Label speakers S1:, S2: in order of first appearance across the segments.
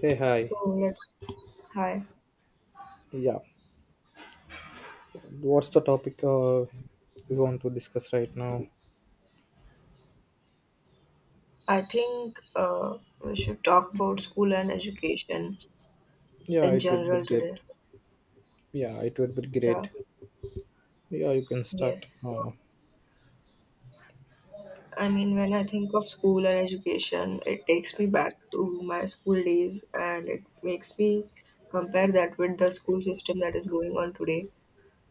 S1: Hey,
S2: So
S1: hi.
S2: let's, hi.
S1: Yeah, what's the topic you want to discuss right now?
S2: I think we should talk about school and education
S1: Yeah,
S2: in
S1: it would be
S2: general
S1: great.
S2: today.
S1: Yeah, it would be
S2: Yeah,
S1: great. Yeah, you can
S2: yes.
S1: start.
S2: So, I mean, when I think of school and education, it takes me back to my school days and it makes me compare that with the school system that is going on today.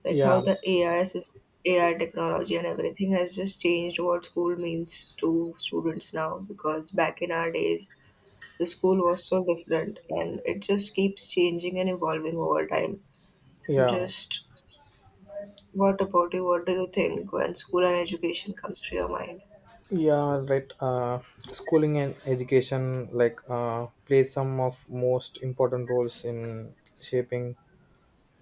S2: Like
S1: Yeah,
S2: how the AI, is AI technology and everything has just changed what school means to students now. Because back in our days, the school was so different and it just keeps changing and evolving over time. So I'm
S1: yeah,
S2: just, what about you? What do you think when school and education comes to your mind?
S1: yeah. Right. Schooling and education like play some of most important roles in shaping,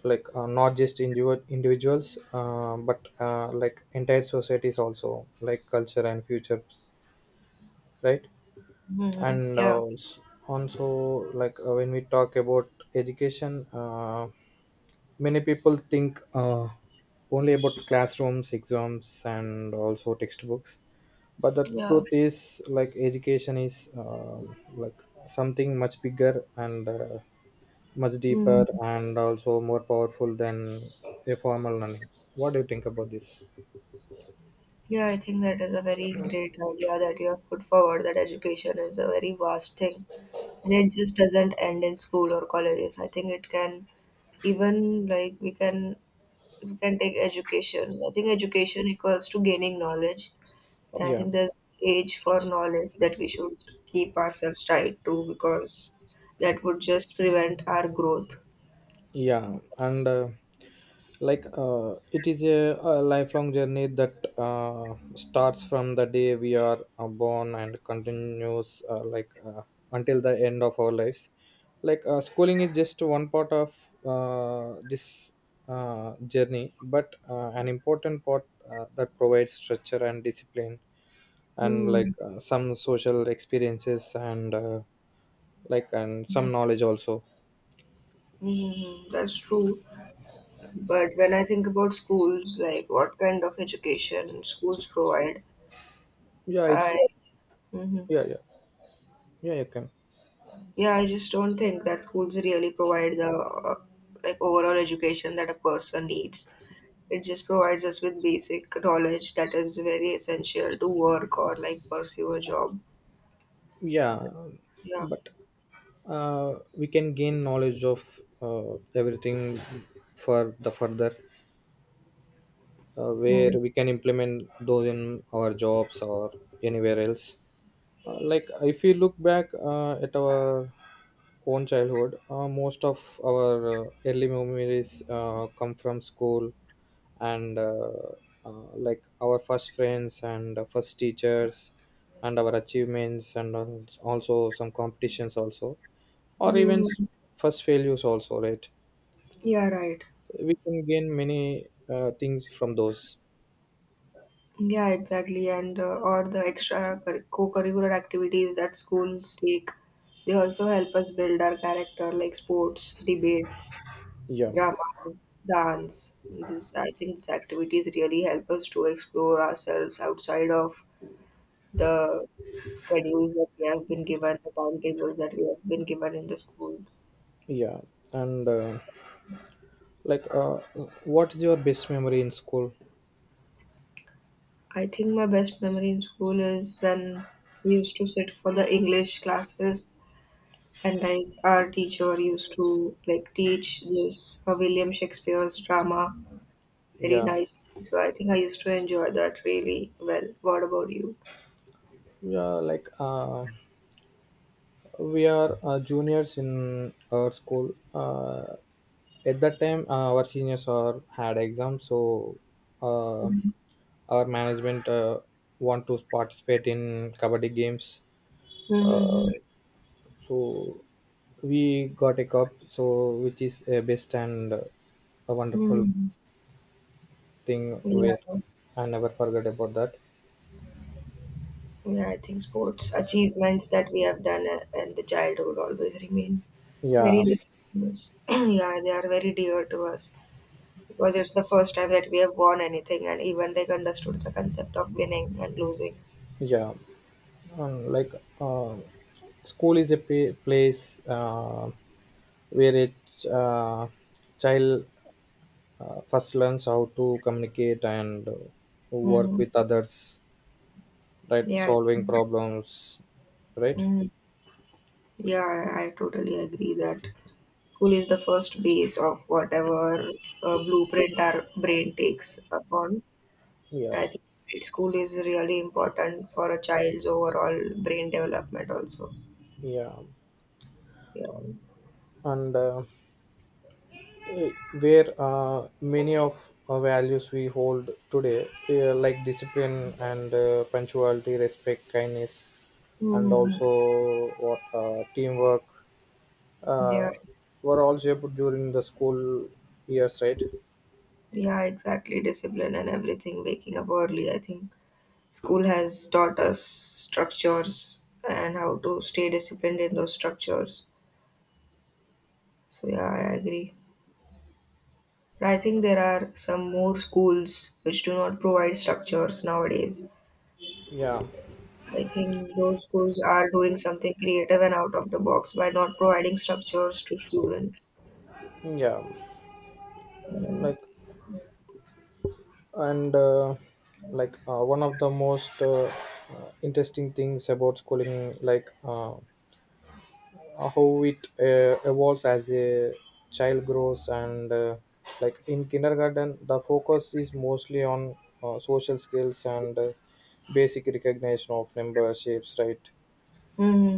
S1: like not just individuals but like entire societies also, like culture and future, right. And
S2: Yeah,
S1: also, like when we talk about education, many people think only about classrooms, exams, and also textbooks, but the
S2: yeah.
S1: truth is, like, education is like something much bigger and much deeper
S2: hmm
S1: and also more powerful than a formal learning. What do you think about this?
S2: Yeah, I think that is a very great idea that you have put forward that education is a very vast thing. And it just doesn't end in school or colleges. I think it can even like we can take education. I think education equals to gaining knowledge. And I
S1: Yeah,
S2: think there's age for knowledge that we should keep ourselves tied to because that would just prevent our growth.
S1: yeah, and like it is a lifelong journey that starts from the day we are born and continues, like, until the end of our lives. Like, schooling is just one part of this journey, but an important part that provides structure and discipline, and
S2: Hmm.
S1: like some social experiences, and and some knowledge also.
S2: Mm, that's true. But when I think about schools, like what kind of education schools provide,
S1: Yeah, it's.
S2: I mhm.
S1: Yeah, yeah, yeah, you can.
S2: Yeah, I just don't think that schools really provide the like overall education that a person needs. It just provides us with basic knowledge that is very essential to work or like pursue a job.
S1: Yeah,
S2: Yeah.
S1: but we can gain knowledge of everything for the further, where
S2: Mm.
S1: we can implement those in our jobs or anywhere else. Like, if we look back at our own childhood, most of our early memories come from school, and like our first friends and first teachers and our achievements and also some competitions also, or even
S2: Mm.
S1: first failures also, right?
S2: Yeah, right.
S1: We can gain many things from those.
S2: Yeah, exactly. And the, or the co-curricular activities that schools take, they also help us build our character, like sports, debates,
S1: Yeah,
S2: dramas, dance. This, I think, these activities really help us to explore ourselves outside of the schedules that we have been given, the timetables that we have been given in the school.
S1: yeah, and like, what is your best memory in school?
S2: I think my best memory in school is when we used to sit for the English classes and like our teacher used to like teach this William Shakespeare's drama very
S1: Yeah,
S2: nice. So I think I used to enjoy that really well. What about you?
S1: yeah, like we are juniors in our school. At that time, our seniors are had exams, so uh, our management want to participate in kabaddi games. Uh,
S2: Mm-hmm.
S1: so we got a cup, so which is a best and a wonderful
S2: Hmm.
S1: thing.
S2: Yeah,
S1: Where I never forget about that.
S2: yeah, I think sports achievements that we have done in the childhood always remain very
S1: Yeah,
S2: dear to us. Yeah, they are very dear to us because it's the first time that we have won anything, and even they understood the concept of winning and losing.
S1: yeah. Like, uh, school is a place where a child first learns how to communicate and work
S2: Hmm.
S1: with others, right,
S2: Yeah.
S1: solving problems, right?
S2: Mm-hmm. Yeah, I totally agree that school is the first base of whatever blueprint our brain takes upon. And I
S1: Yeah,
S2: think school is really important for a child's overall brain development also.
S1: yeah,
S2: Yeah.
S1: and eh, where many of our values we hold today, like discipline and punctuality, respect, kindness, and
S2: Mm-hmm.
S1: also, what teamwork,
S2: Yeah.
S1: uh, were all shaped during the school years, right?
S2: Yeah, exactly. Discipline and everything, waking up early. I think school has taught us structures and how to stay disciplined in those structures. So yeah, I agree. I think there are some more schools which do not provide structures nowadays.
S1: Yeah,
S2: I think those schools are doing something creative and out of the box by not providing structures to students.
S1: yeah,
S2: Mm-hmm.
S1: like, and like one of the most interesting things about schooling, like how it evolves as a child grows, and like in kindergarten, the focus is mostly on social skills and basic recognition of memberships, right?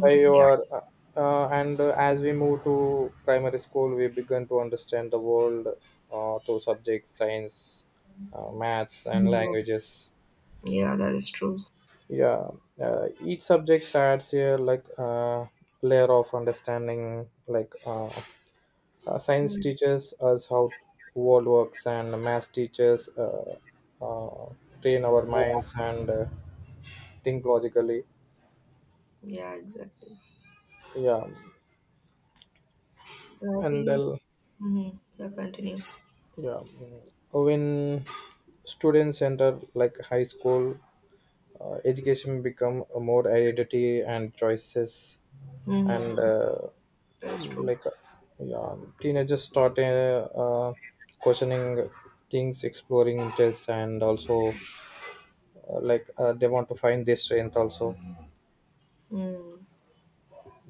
S1: By your and as we move to primary school, we begin to understand the world through subjects, science, maths, and
S2: Mhm.
S1: languages.
S2: Yeah, that is true.
S1: Yeah, each subject adds here, like layer of understanding, like science
S2: Mm.
S1: teaches us how world works, and maths teaches, uh, train our minds and think logically.
S2: Yeah, exactly.
S1: Yeah,
S2: So I
S1: and
S2: think,
S1: then.
S2: mm-hmm. Yeah, continue.
S1: Yeah, when students enter like high school, education become a more identity and choices, and
S2: Mm-hmm. That is true.
S1: like, yeah, teenagers start questioning things, exploring interests, and also like they want to find their strength also.
S2: Mm.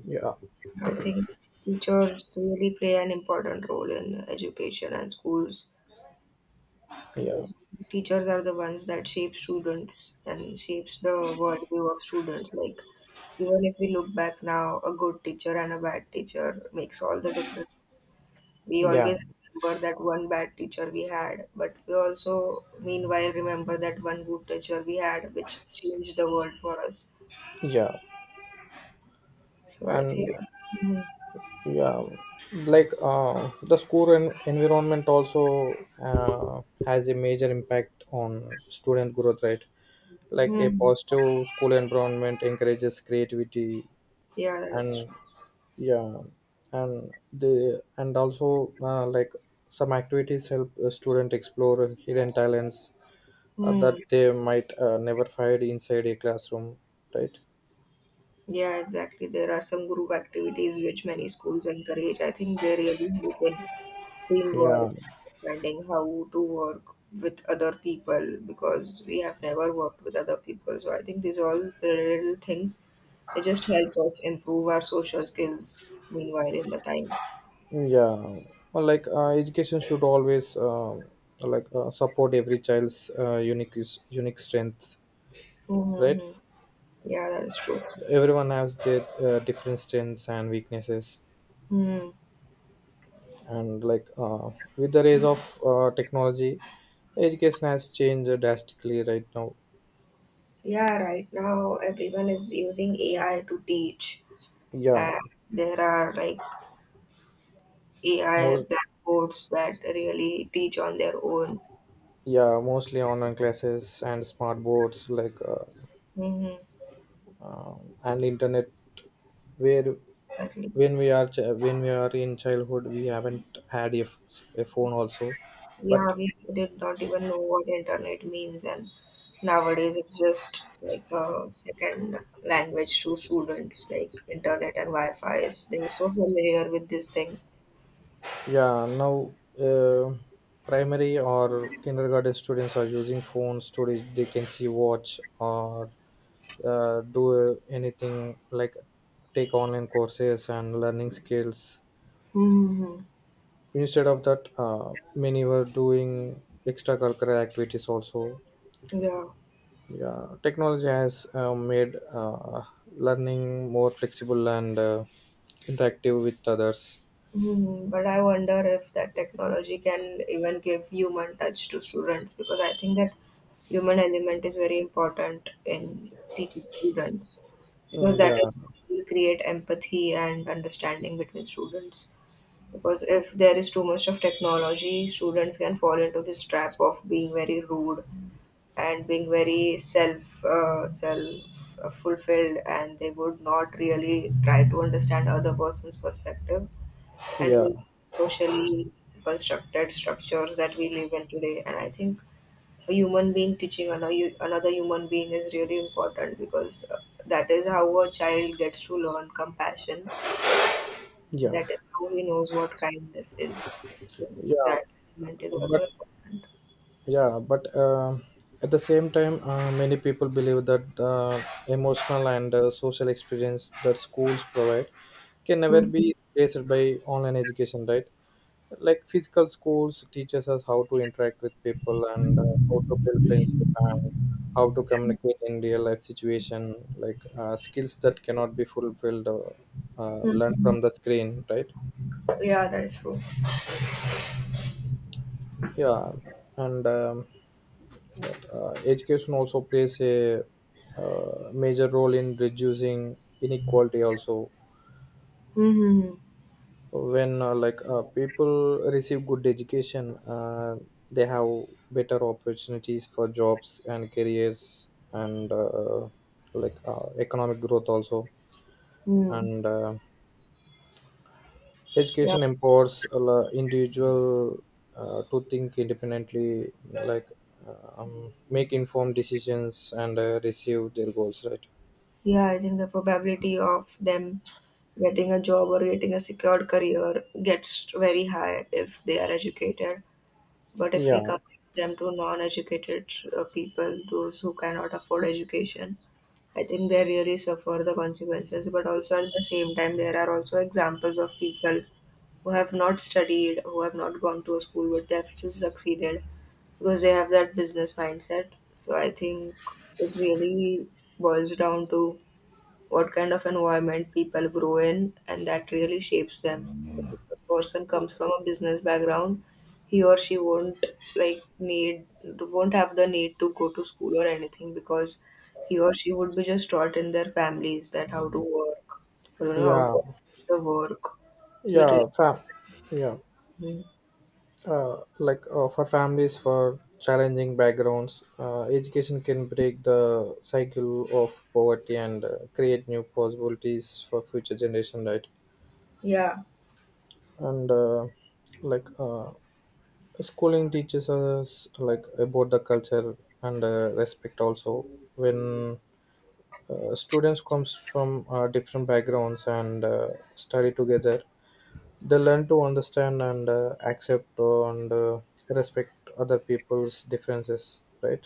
S1: Yeah,
S2: I think teachers really play an important role in education and schools
S1: yeah,
S2: because teachers are the ones that shape students and shapes the worldview of students. Like even if we look back now, a good teacher and a bad teacher makes all the difference. We
S1: yeah,
S2: always remember that one bad teacher we had, but we also meanwhile remember that one good teacher we had which changed the world for us.
S1: yeah,
S2: So I think,
S1: and.
S2: hmm.
S1: Yeah, like the school environment also uh, has a major impact on student growth, right? Like a
S2: Hmm,
S1: positive school environment encourages creativity,
S2: yeah, that is
S1: and,
S2: true.
S1: yeah, and the and also, like, some activities help a student explore hidden talents that
S2: Hmm.
S1: they might never find inside a classroom, right?
S2: Yeah, exactly. There are some group activities which many schools encourage. I think they really help in teamwork,
S1: Yeah,
S2: understanding how to work with other people because we have never worked with other people. So I think these all the little things, they just help us improve our social skills meanwhile in the time.
S1: yeah. Well, like education should always like support every child's unique strength, right?
S2: Mm-hmm. Yeah, that is true.
S1: Everyone has their different strengths and weaknesses,
S2: Hmm.
S1: and like with the rise of technology, education has changed drastically right now.
S2: Yeah, right now everyone is using AI to teach.
S1: Yeah,
S2: And there are like AI
S1: most
S2: blackboards that really teach on their own.
S1: yeah, mostly online classes and smart boards, like
S2: Mm-hmm.
S1: and internet, where
S2: Exactly.
S1: when we are in childhood we haven't had a phone also. But,
S2: Yeah, we did not even know what internet means, and nowadays it's just like a second language to students. Like internet and Wi-Fi is they're so familiar with these things.
S1: yeah, now uh, primary or kindergarten students are using phones they can see, watch, or do anything, like take online courses and learning skills,
S2: Hmm.
S1: instead of that. Many were doing extracurricular activities also.
S2: Yeah.
S1: Yeah, technology has made learning more flexible and interactive with others.
S2: Hmm, but I wonder if that technology can even give human touch to students because I think that human element is very important in teaching students because
S1: Mm,
S2: that
S1: yeah,
S2: is what will create empathy and understanding between students. Because if there is too much of technology, students can fall into this trap of being very rude and being very self self fulfilled, and they would not really try to understand other person's perspective and
S1: yeah,
S2: like socially constructed structures that we live in today. And I think a human being teaching another human being is really important because that is how a child gets to learn compassion,
S1: yeah,
S2: that is how he knows what kindness is.
S1: yeah.
S2: That element is
S1: But
S2: also important.
S1: yeah but at the same time, many people believe that the emotional and social experience that schools provide can never be replaced by online education, right? Like physical schools teaches us how to interact with people and how to build friendship and how to communicate in real life situation, like skills that cannot be fulfilled or learned
S2: Mm-hmm.
S1: from the screen, right?
S2: Yeah, that is true.
S1: Yeah, and education also plays a major role in reducing inequality also.
S2: Mm-hmm.
S1: When like people receive good education, uh, they have better opportunities for jobs and careers, and like economic growth also.
S2: Mm.
S1: And
S2: Yeah.
S1: education empowers a individual to think independently, like make informed decisions and receive their goals, right?
S2: Yeah, I think the probability of them getting a job or getting a secured career gets very high if they are educated. But if we
S1: Yeah,
S2: compare them to non educated people, those who cannot afford education, I think they really suffer the consequences. But also at the same time, there are also examples of people who have not studied, who have not gone to a school, but they have still succeeded because they have that business mindset. So I think it really boils down to what kind of environment people grow in, and that really shapes them. If a person comes from a business background, he or she won't have the need to go to school or anything because he or she would be just taught in their families that how to work or you know how
S1: yeah,
S2: to manage the work. So it really,
S1: yeah fam yeah,
S2: mhm.
S1: like for families for challenging backgrounds, education can break the cycle of poverty and create new possibilities for future generation, right?
S2: Yeah.
S1: And like schooling teaches us like about the culture and respect also, when students comes from different backgrounds and study together, they learn to understand and accept and respect other people's differences, right?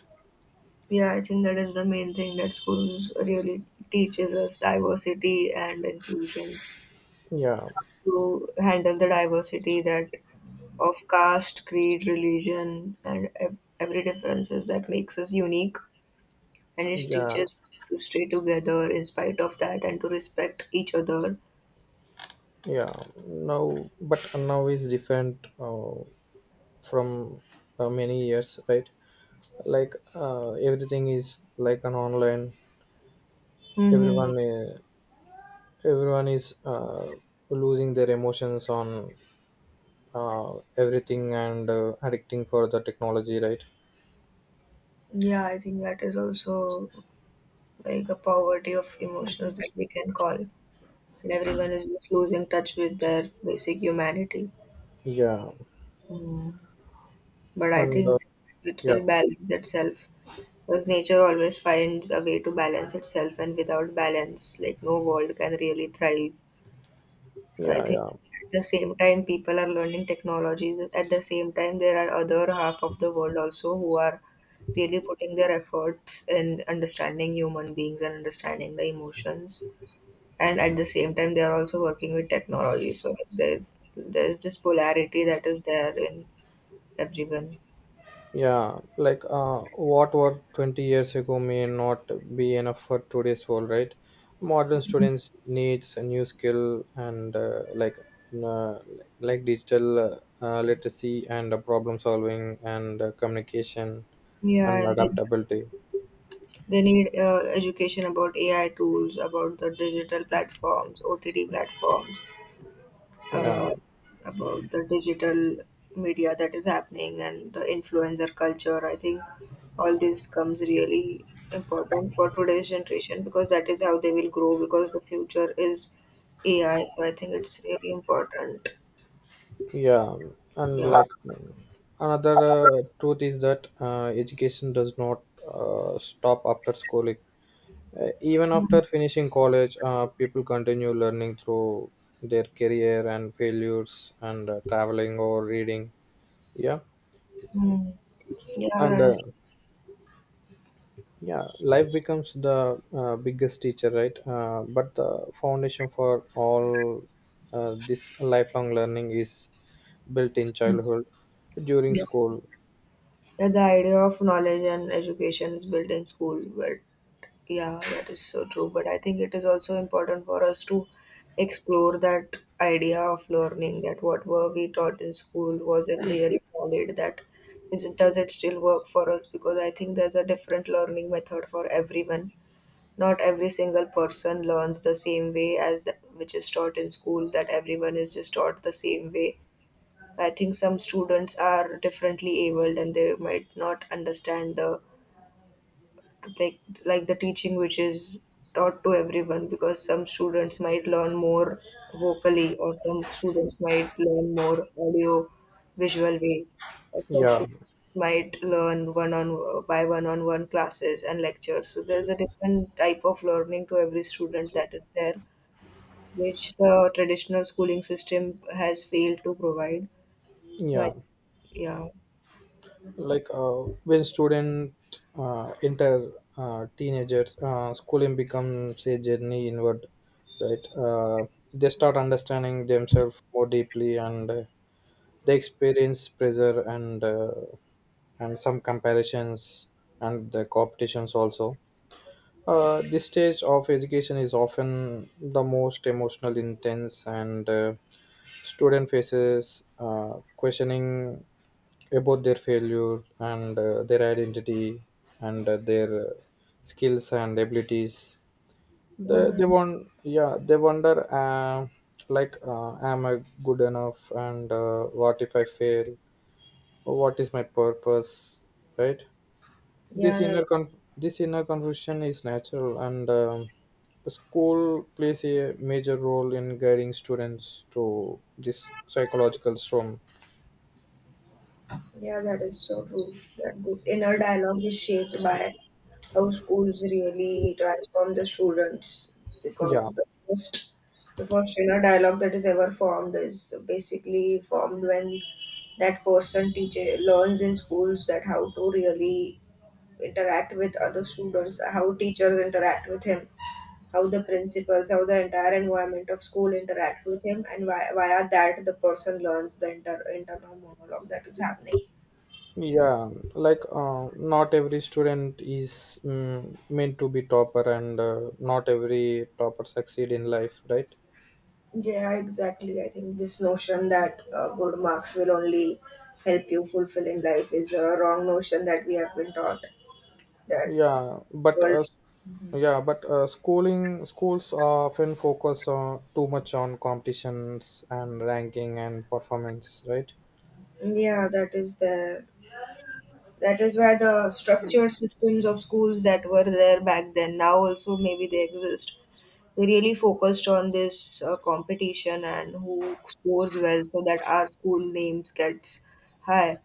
S2: Yeah, I think that is the main thing that schools really teaches us diversity and inclusion
S1: Yeah,
S2: to handle the diversity that of caste, creed, religion, and every differences that makes us unique. And it
S1: yeah,
S2: teaches to stay together in spite of that and to respect each other.
S1: yeah, now. But now is different from many years, right? Like everything is like an online.
S2: Hmm.
S1: everyone uh, Everyone is losing their emotions on everything and addicting for the technology, right?
S2: Yeah, I think that is also like a poverty of emotions that we can call. And everyone is just losing touch with their basic humanity.
S1: Yeah,
S2: Mm. But I
S1: and
S2: think it
S1: yeah,
S2: will balance itself because nature always finds a way to balance itself, and without balance, like no world can really thrive. So I
S1: yeah,
S2: think
S1: yeah.
S2: at the same time, people are learning technology. At the same time, there are other half of the world also who are really putting their efforts in understanding human beings and understanding the emotions. And at the same time, they are also working with technology. So there's this polarity that is there in everyone.
S1: Yeah, like what were 20 years ago may not be enough for today's world, right? Modern students needs a new skill and uh, like digital literacy and problem solving and communication
S2: Yeah,
S1: and
S2: and then
S1: adaptability.
S2: they need education about AI tools, about the digital platforms, OTT platforms,
S1: Yeah,
S2: uh, about the digital media that is happening and the influencer culture. I think all this comes really important for today's generation because that is how they will grow because the future is AI. So I think it's really important.
S1: yeah, and
S2: Yeah.
S1: like, another truth is that education does not stop after schooling. Even after finishing college, people continue learning through their career and failures and traveling or reading. Yeah,
S2: Mm. Yeah,
S1: and
S2: that
S1: yeah, life becomes the biggest teacher, right? But the foundation for all this lifelong learning is built in
S2: is.
S1: childhood during
S2: Yeah.
S1: school.
S2: Yeah, the idea of knowledge and education is built in school, but yeah, that is so true. But I think it is also important for us to explore that idea of learning, that what were we taught in school, was it really valid? That is, it does it still work for us? Because I think there's a different learning method for everyone. Not every single person learns the same way as the, which is taught in school, that everyone is just taught the same way. I think some students are differently abled and they might not understand the like like the teaching which is taught to everyone because some students might learn more vocally or some students might learn more audio visual way or some
S1: Yeah,
S2: students might learn one on by one on one classes and lectures, so there's a different type of learning to every student that is there which the traditional schooling system has failed to provide, but
S1: yeah,
S2: yeah.
S1: like when student enter teenagers, schooling becomes a journey inward, right? They start understanding themselves more deeply and they experience pressure, and some comparisons and the competitions also. This stage of education is often the most emotional intense, and student faces questioning about their failure and their identity and their skills and abilities. they,
S2: Hmm.
S1: they want yeah they wonder like, am I good enough, and what if I fail, what is my purpose, right?
S2: Yeah, that,
S1: This inner confusion is natural, and the school plays a major role in guiding students to this psychological storm.
S2: yeah, that is so true. That this inner dialogue is shaped by how schools really transform the students.
S1: Yeah,
S2: Because the first inner dialogue that is ever formed is basically formed when that person teacher learns in schools that how to really interact with other students, how teachers interact with him, how the principals, how the entire environment of school interacts with him, and via that the person learns the internal monologue that is happening.
S1: yeah, like not every student is meant to be topper and not every topper succeed in life, right?
S2: Yeah, exactly. I think this notion that good marks will only help you fulfill in life is a wrong notion that we have been taught. That
S1: yeah but
S2: world,
S1: uh, s- yeah, but schooling schools often focus on too much on competitions and ranking and performance, right?
S2: yeah, that is the that is why the structured systems of schools that were there back then now also maybe they exist. They really focused on this competition and who scores well so that our school names gets high.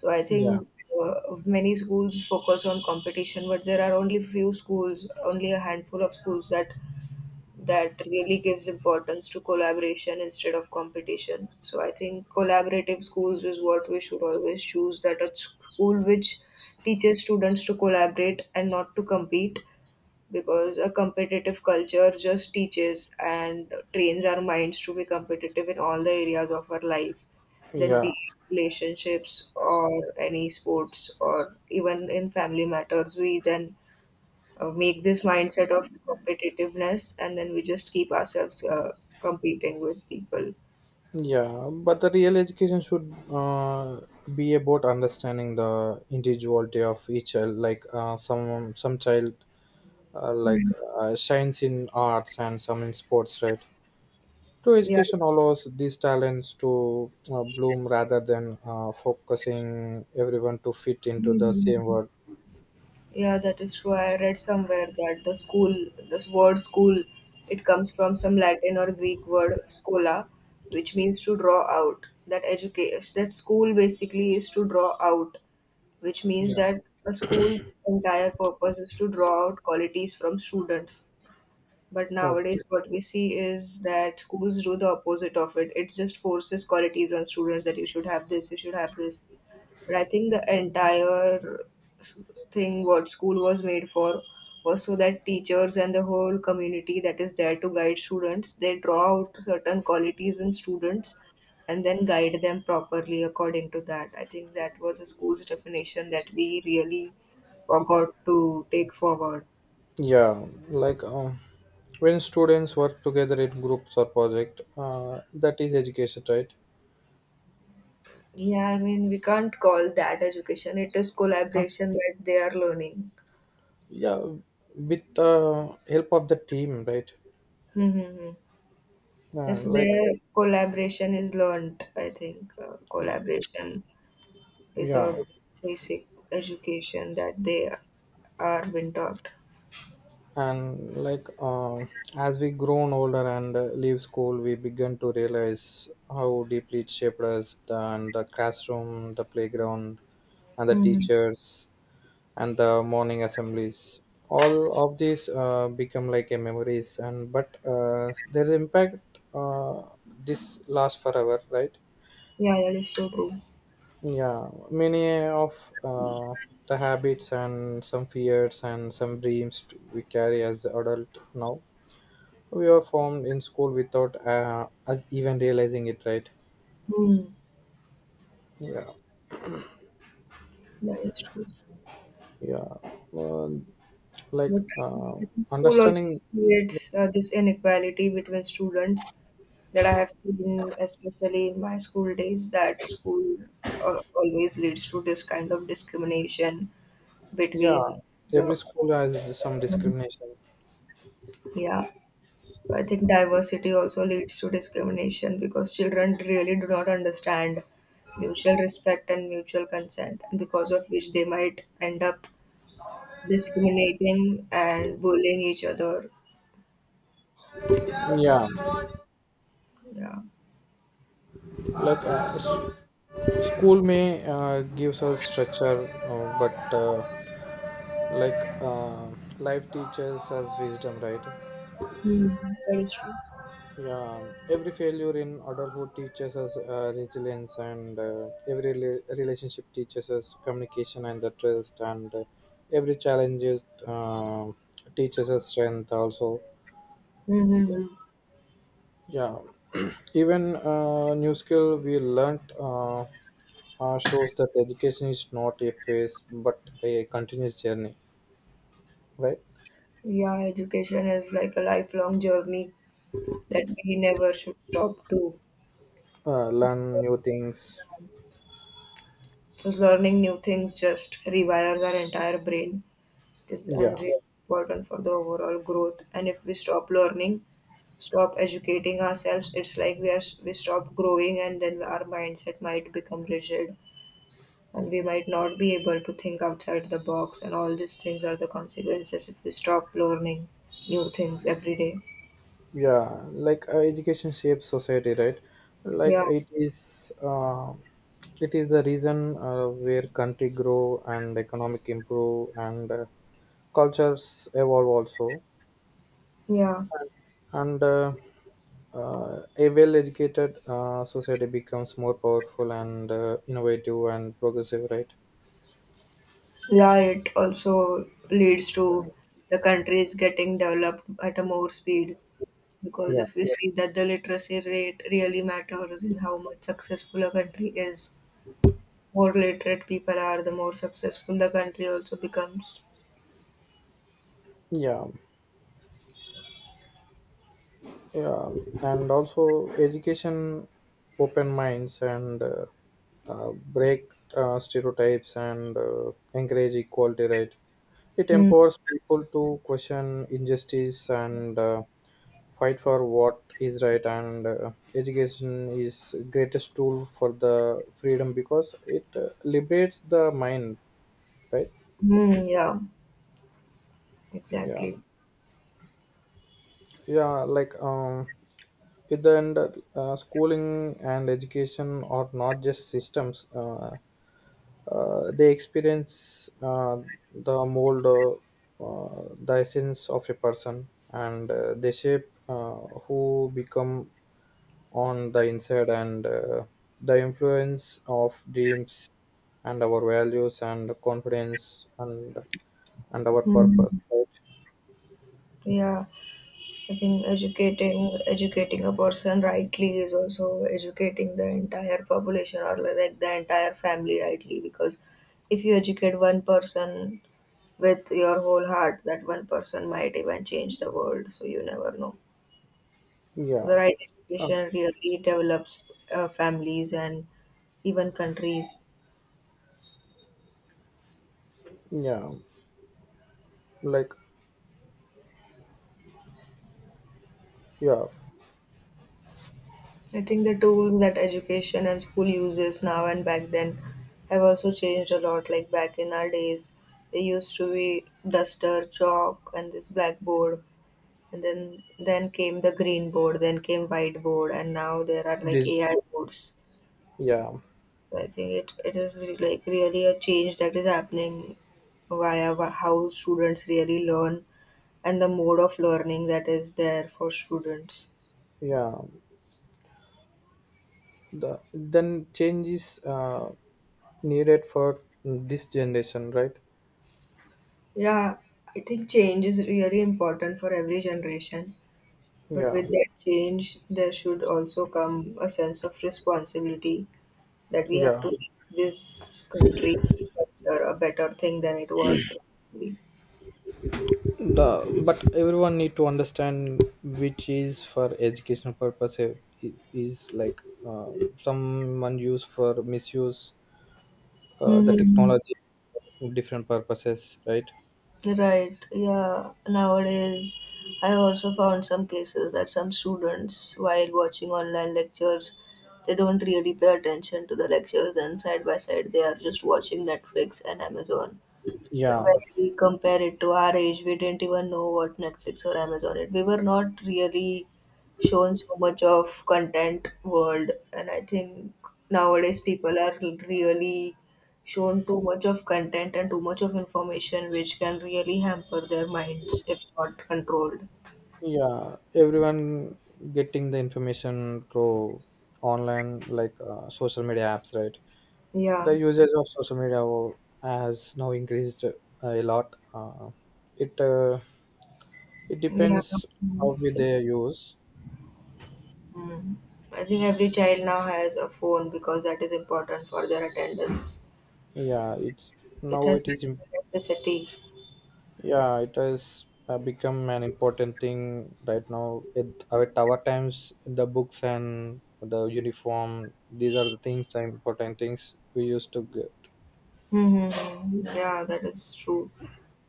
S2: So I
S1: Yeah,
S2: think many schools focus on competition, but there are only few schools, only a handful of schools that really gives importance to collaboration instead of competition. So I think collaborative schools is what we should always choose. That a school which teaches students to collaborate and not to compete, because a competitive culture just teaches and trains our minds to be competitive in all the areas of our life, then be
S1: yeah,
S2: it relationships or any sports or even in family matters. We then make this mindset of competitiveness and then we just keep ourselves competing with people.
S1: yeah, but the real education should be about understanding the individuality of each child. Like some child, like shines in arts and some in sports, right? True
S2: Yeah,
S1: education allows these talents to bloom rather than focusing everyone to fit into the same world.
S2: yeah, that is true. I read somewhere that the school, this word school, it comes from some Latin or Greek word scola, which means to draw out. That education, that school basically is to draw out, which means
S1: Yeah.
S2: that a school's entire purpose is to draw out qualities from students. But nowadays,
S1: Okay.
S2: what we see is that schools do the opposite of it. It just forces qualities on students that you should have this, you should have this. But I think the entire s- thing what school was made for was so that teachers and the whole community that is there to guide students, they draw out certain qualities in students and then guide them properly according to that. I think that was a school's definition that we really forgot to take forward.
S1: Yeah, like when students work together in groups or project, that is education,
S2: Yeah, I mean, we can't call that education. It is
S1: right?
S2: collaboration that they are learning.
S1: Yeah, with the help of the team, right?
S2: Mm-hmm.
S1: Yeah,
S2: Yes,
S1: like,
S2: their collaboration is learned, I think. Collaboration is a
S1: yeah,
S2: basic education that they are being taught.
S1: and like as we grown older and leave school we begin to realize how deeply it shaped us, the classroom, the playground, and the
S2: Mm-hmm.
S1: teachers, and the morning assemblies, all of these become like a memories, and but their impact, uh, this lasts forever, right?
S2: Yeah, that is so true.
S1: Yeah, many of the habits and some fears and some dreams we carry as adult now, we are formed in school without us even realizing it, right?
S2: Mm,
S1: Yeah,
S2: that is true.
S1: yeah. Well, like
S2: But I think school also
S1: understanding,
S2: creates this inequality between students that I have seen, especially in my school days, that school always leads to this kind of discrimination
S1: yeah,
S2: between
S1: every
S2: the,
S1: school has some discrimination.
S2: yeah. I think diversity also leads to discrimination because children really do not understand mutual respect and mutual consent, and because of which they might end up discriminating and bullying each other.
S1: Yeah,
S2: Yeah.
S1: like school may gives us structure, but like life teaches us wisdom, right?
S2: Mm, that is true.
S1: Yeah, every failure in adulthood teaches us resilience, and every relationship teaches us communication and the trust, and every challenge teaches us strength. Also, yeah, even new skill we learnt shows that education is not a phase but a continuous journey, right?
S2: Yeah, education is like a lifelong journey that we never should stop to.
S1: Learn new things.
S2: Because learning new things just rewires our entire brain. It is
S1: Yeah,
S2: unreal important for the overall growth. And if we stop learning, stop educating ourselves, it's like we stop growing, and then our mindset might become rigid, and we might not be able to think outside the box. And all these things are the consequences if we stop learning new things every day.
S1: yeah, like education shapes society, right? Like
S2: Yeah,
S1: it is the reason where country grow and economic improve and cultures evolve also.
S2: yeah.
S1: And a well educated society becomes more powerful and innovative and progressive, right?
S2: Yeah, it also leads to the countries getting developed at a more speed because
S1: Yeah,
S2: if you, yeah, see that the literacy rate really matters in how much successful a country is, more literate people are, the more successful the country also becomes.
S1: yeah, yeah, and also education open minds and break stereotypes and encourage equality, right? It
S2: Mm.
S1: empowers people to question injustice and fight for what is right, and education is greatest tool for the freedom because it liberates the mind, right?
S2: Mm, yeah,
S1: Yeah,
S2: exactly.
S1: yeah, like at the end, schooling and education are not just systems, they experience, the mold, the essence of a person, and they shape who become on the inside, and the influence of dreams and our values and confidence and our
S2: Mm.
S1: purpose, right?
S2: Yeah. I think educating a person rightly is also educating the entire population or like the entire family rightly, because if you educate one person with your whole heart, that one person might even change the world. So you never know.
S1: Yeah,
S2: The right
S1: um,
S2: education really develops families and even countries.
S1: yeah, like, yeah
S2: I think the tools that education and school uses now and back then have also changed a lot. Like back in our days, they used to be duster, chalk, and this blackboard, and then came the green board, then came whiteboard, and now there are like
S1: this
S2: AI boards.
S1: yeah,
S2: So I think like really a change that is happening via how students really learn and the mode of learning that is there for students.
S1: yeah, the then change is needed for this generation, right?
S2: Yeah, I think change is really important for every generation. But
S1: Yeah,
S2: with that change, there should also come a sense of responsibility that we have
S1: yeah,
S2: to make this country culture a better thing than it was previously.
S1: the but everyone need to understand which is for educational purpose, is like uh, someone use for misuse the
S2: Hmm.
S1: technology for different purposes, right?
S2: Right. Yeah. Nowadays, I also found some cases that some students, while watching online lectures, they don't really pay attention to the lectures, and side by side, they are just watching Netflix and Amazon. But
S1: Yeah,
S2: when we compare it to our age, we didn't even know what Netflix or Amazon it. We were not really shown so much of content world, and I think nowadays people are really shown too much of content and too much of information, which can really hamper their minds if not controlled.
S1: yeah, everyone getting the information through online, like social media apps, right?
S2: Yeah,
S1: The usage of social media has now increased a lot, it it
S2: yeah.
S1: depends how we
S2: Mm.
S1: they use.
S2: Mm. I think every child now has a phone because that is important for their attendance.
S1: Yeah, it's
S2: It
S1: now,
S2: has become a necessity.
S1: yeah it has become an important thing right now, at our times the books and the uniform, these are the important things we used to get.
S2: Mm-hmm. Yeah, that is true.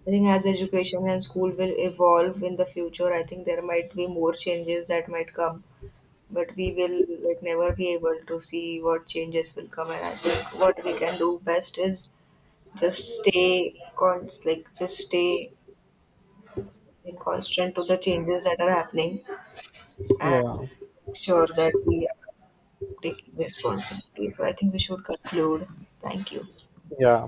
S2: I think as education and school will evolve in the future, I think there might be more changes that might come, but we will like never be able to see what changes will come. And I think what we can do best is just stay const like just stay in constant to the changes that are happening and
S1: Yeah,
S2: make sure that we are taking responsibility. So I think we should conclude. Thank you.
S1: yeah.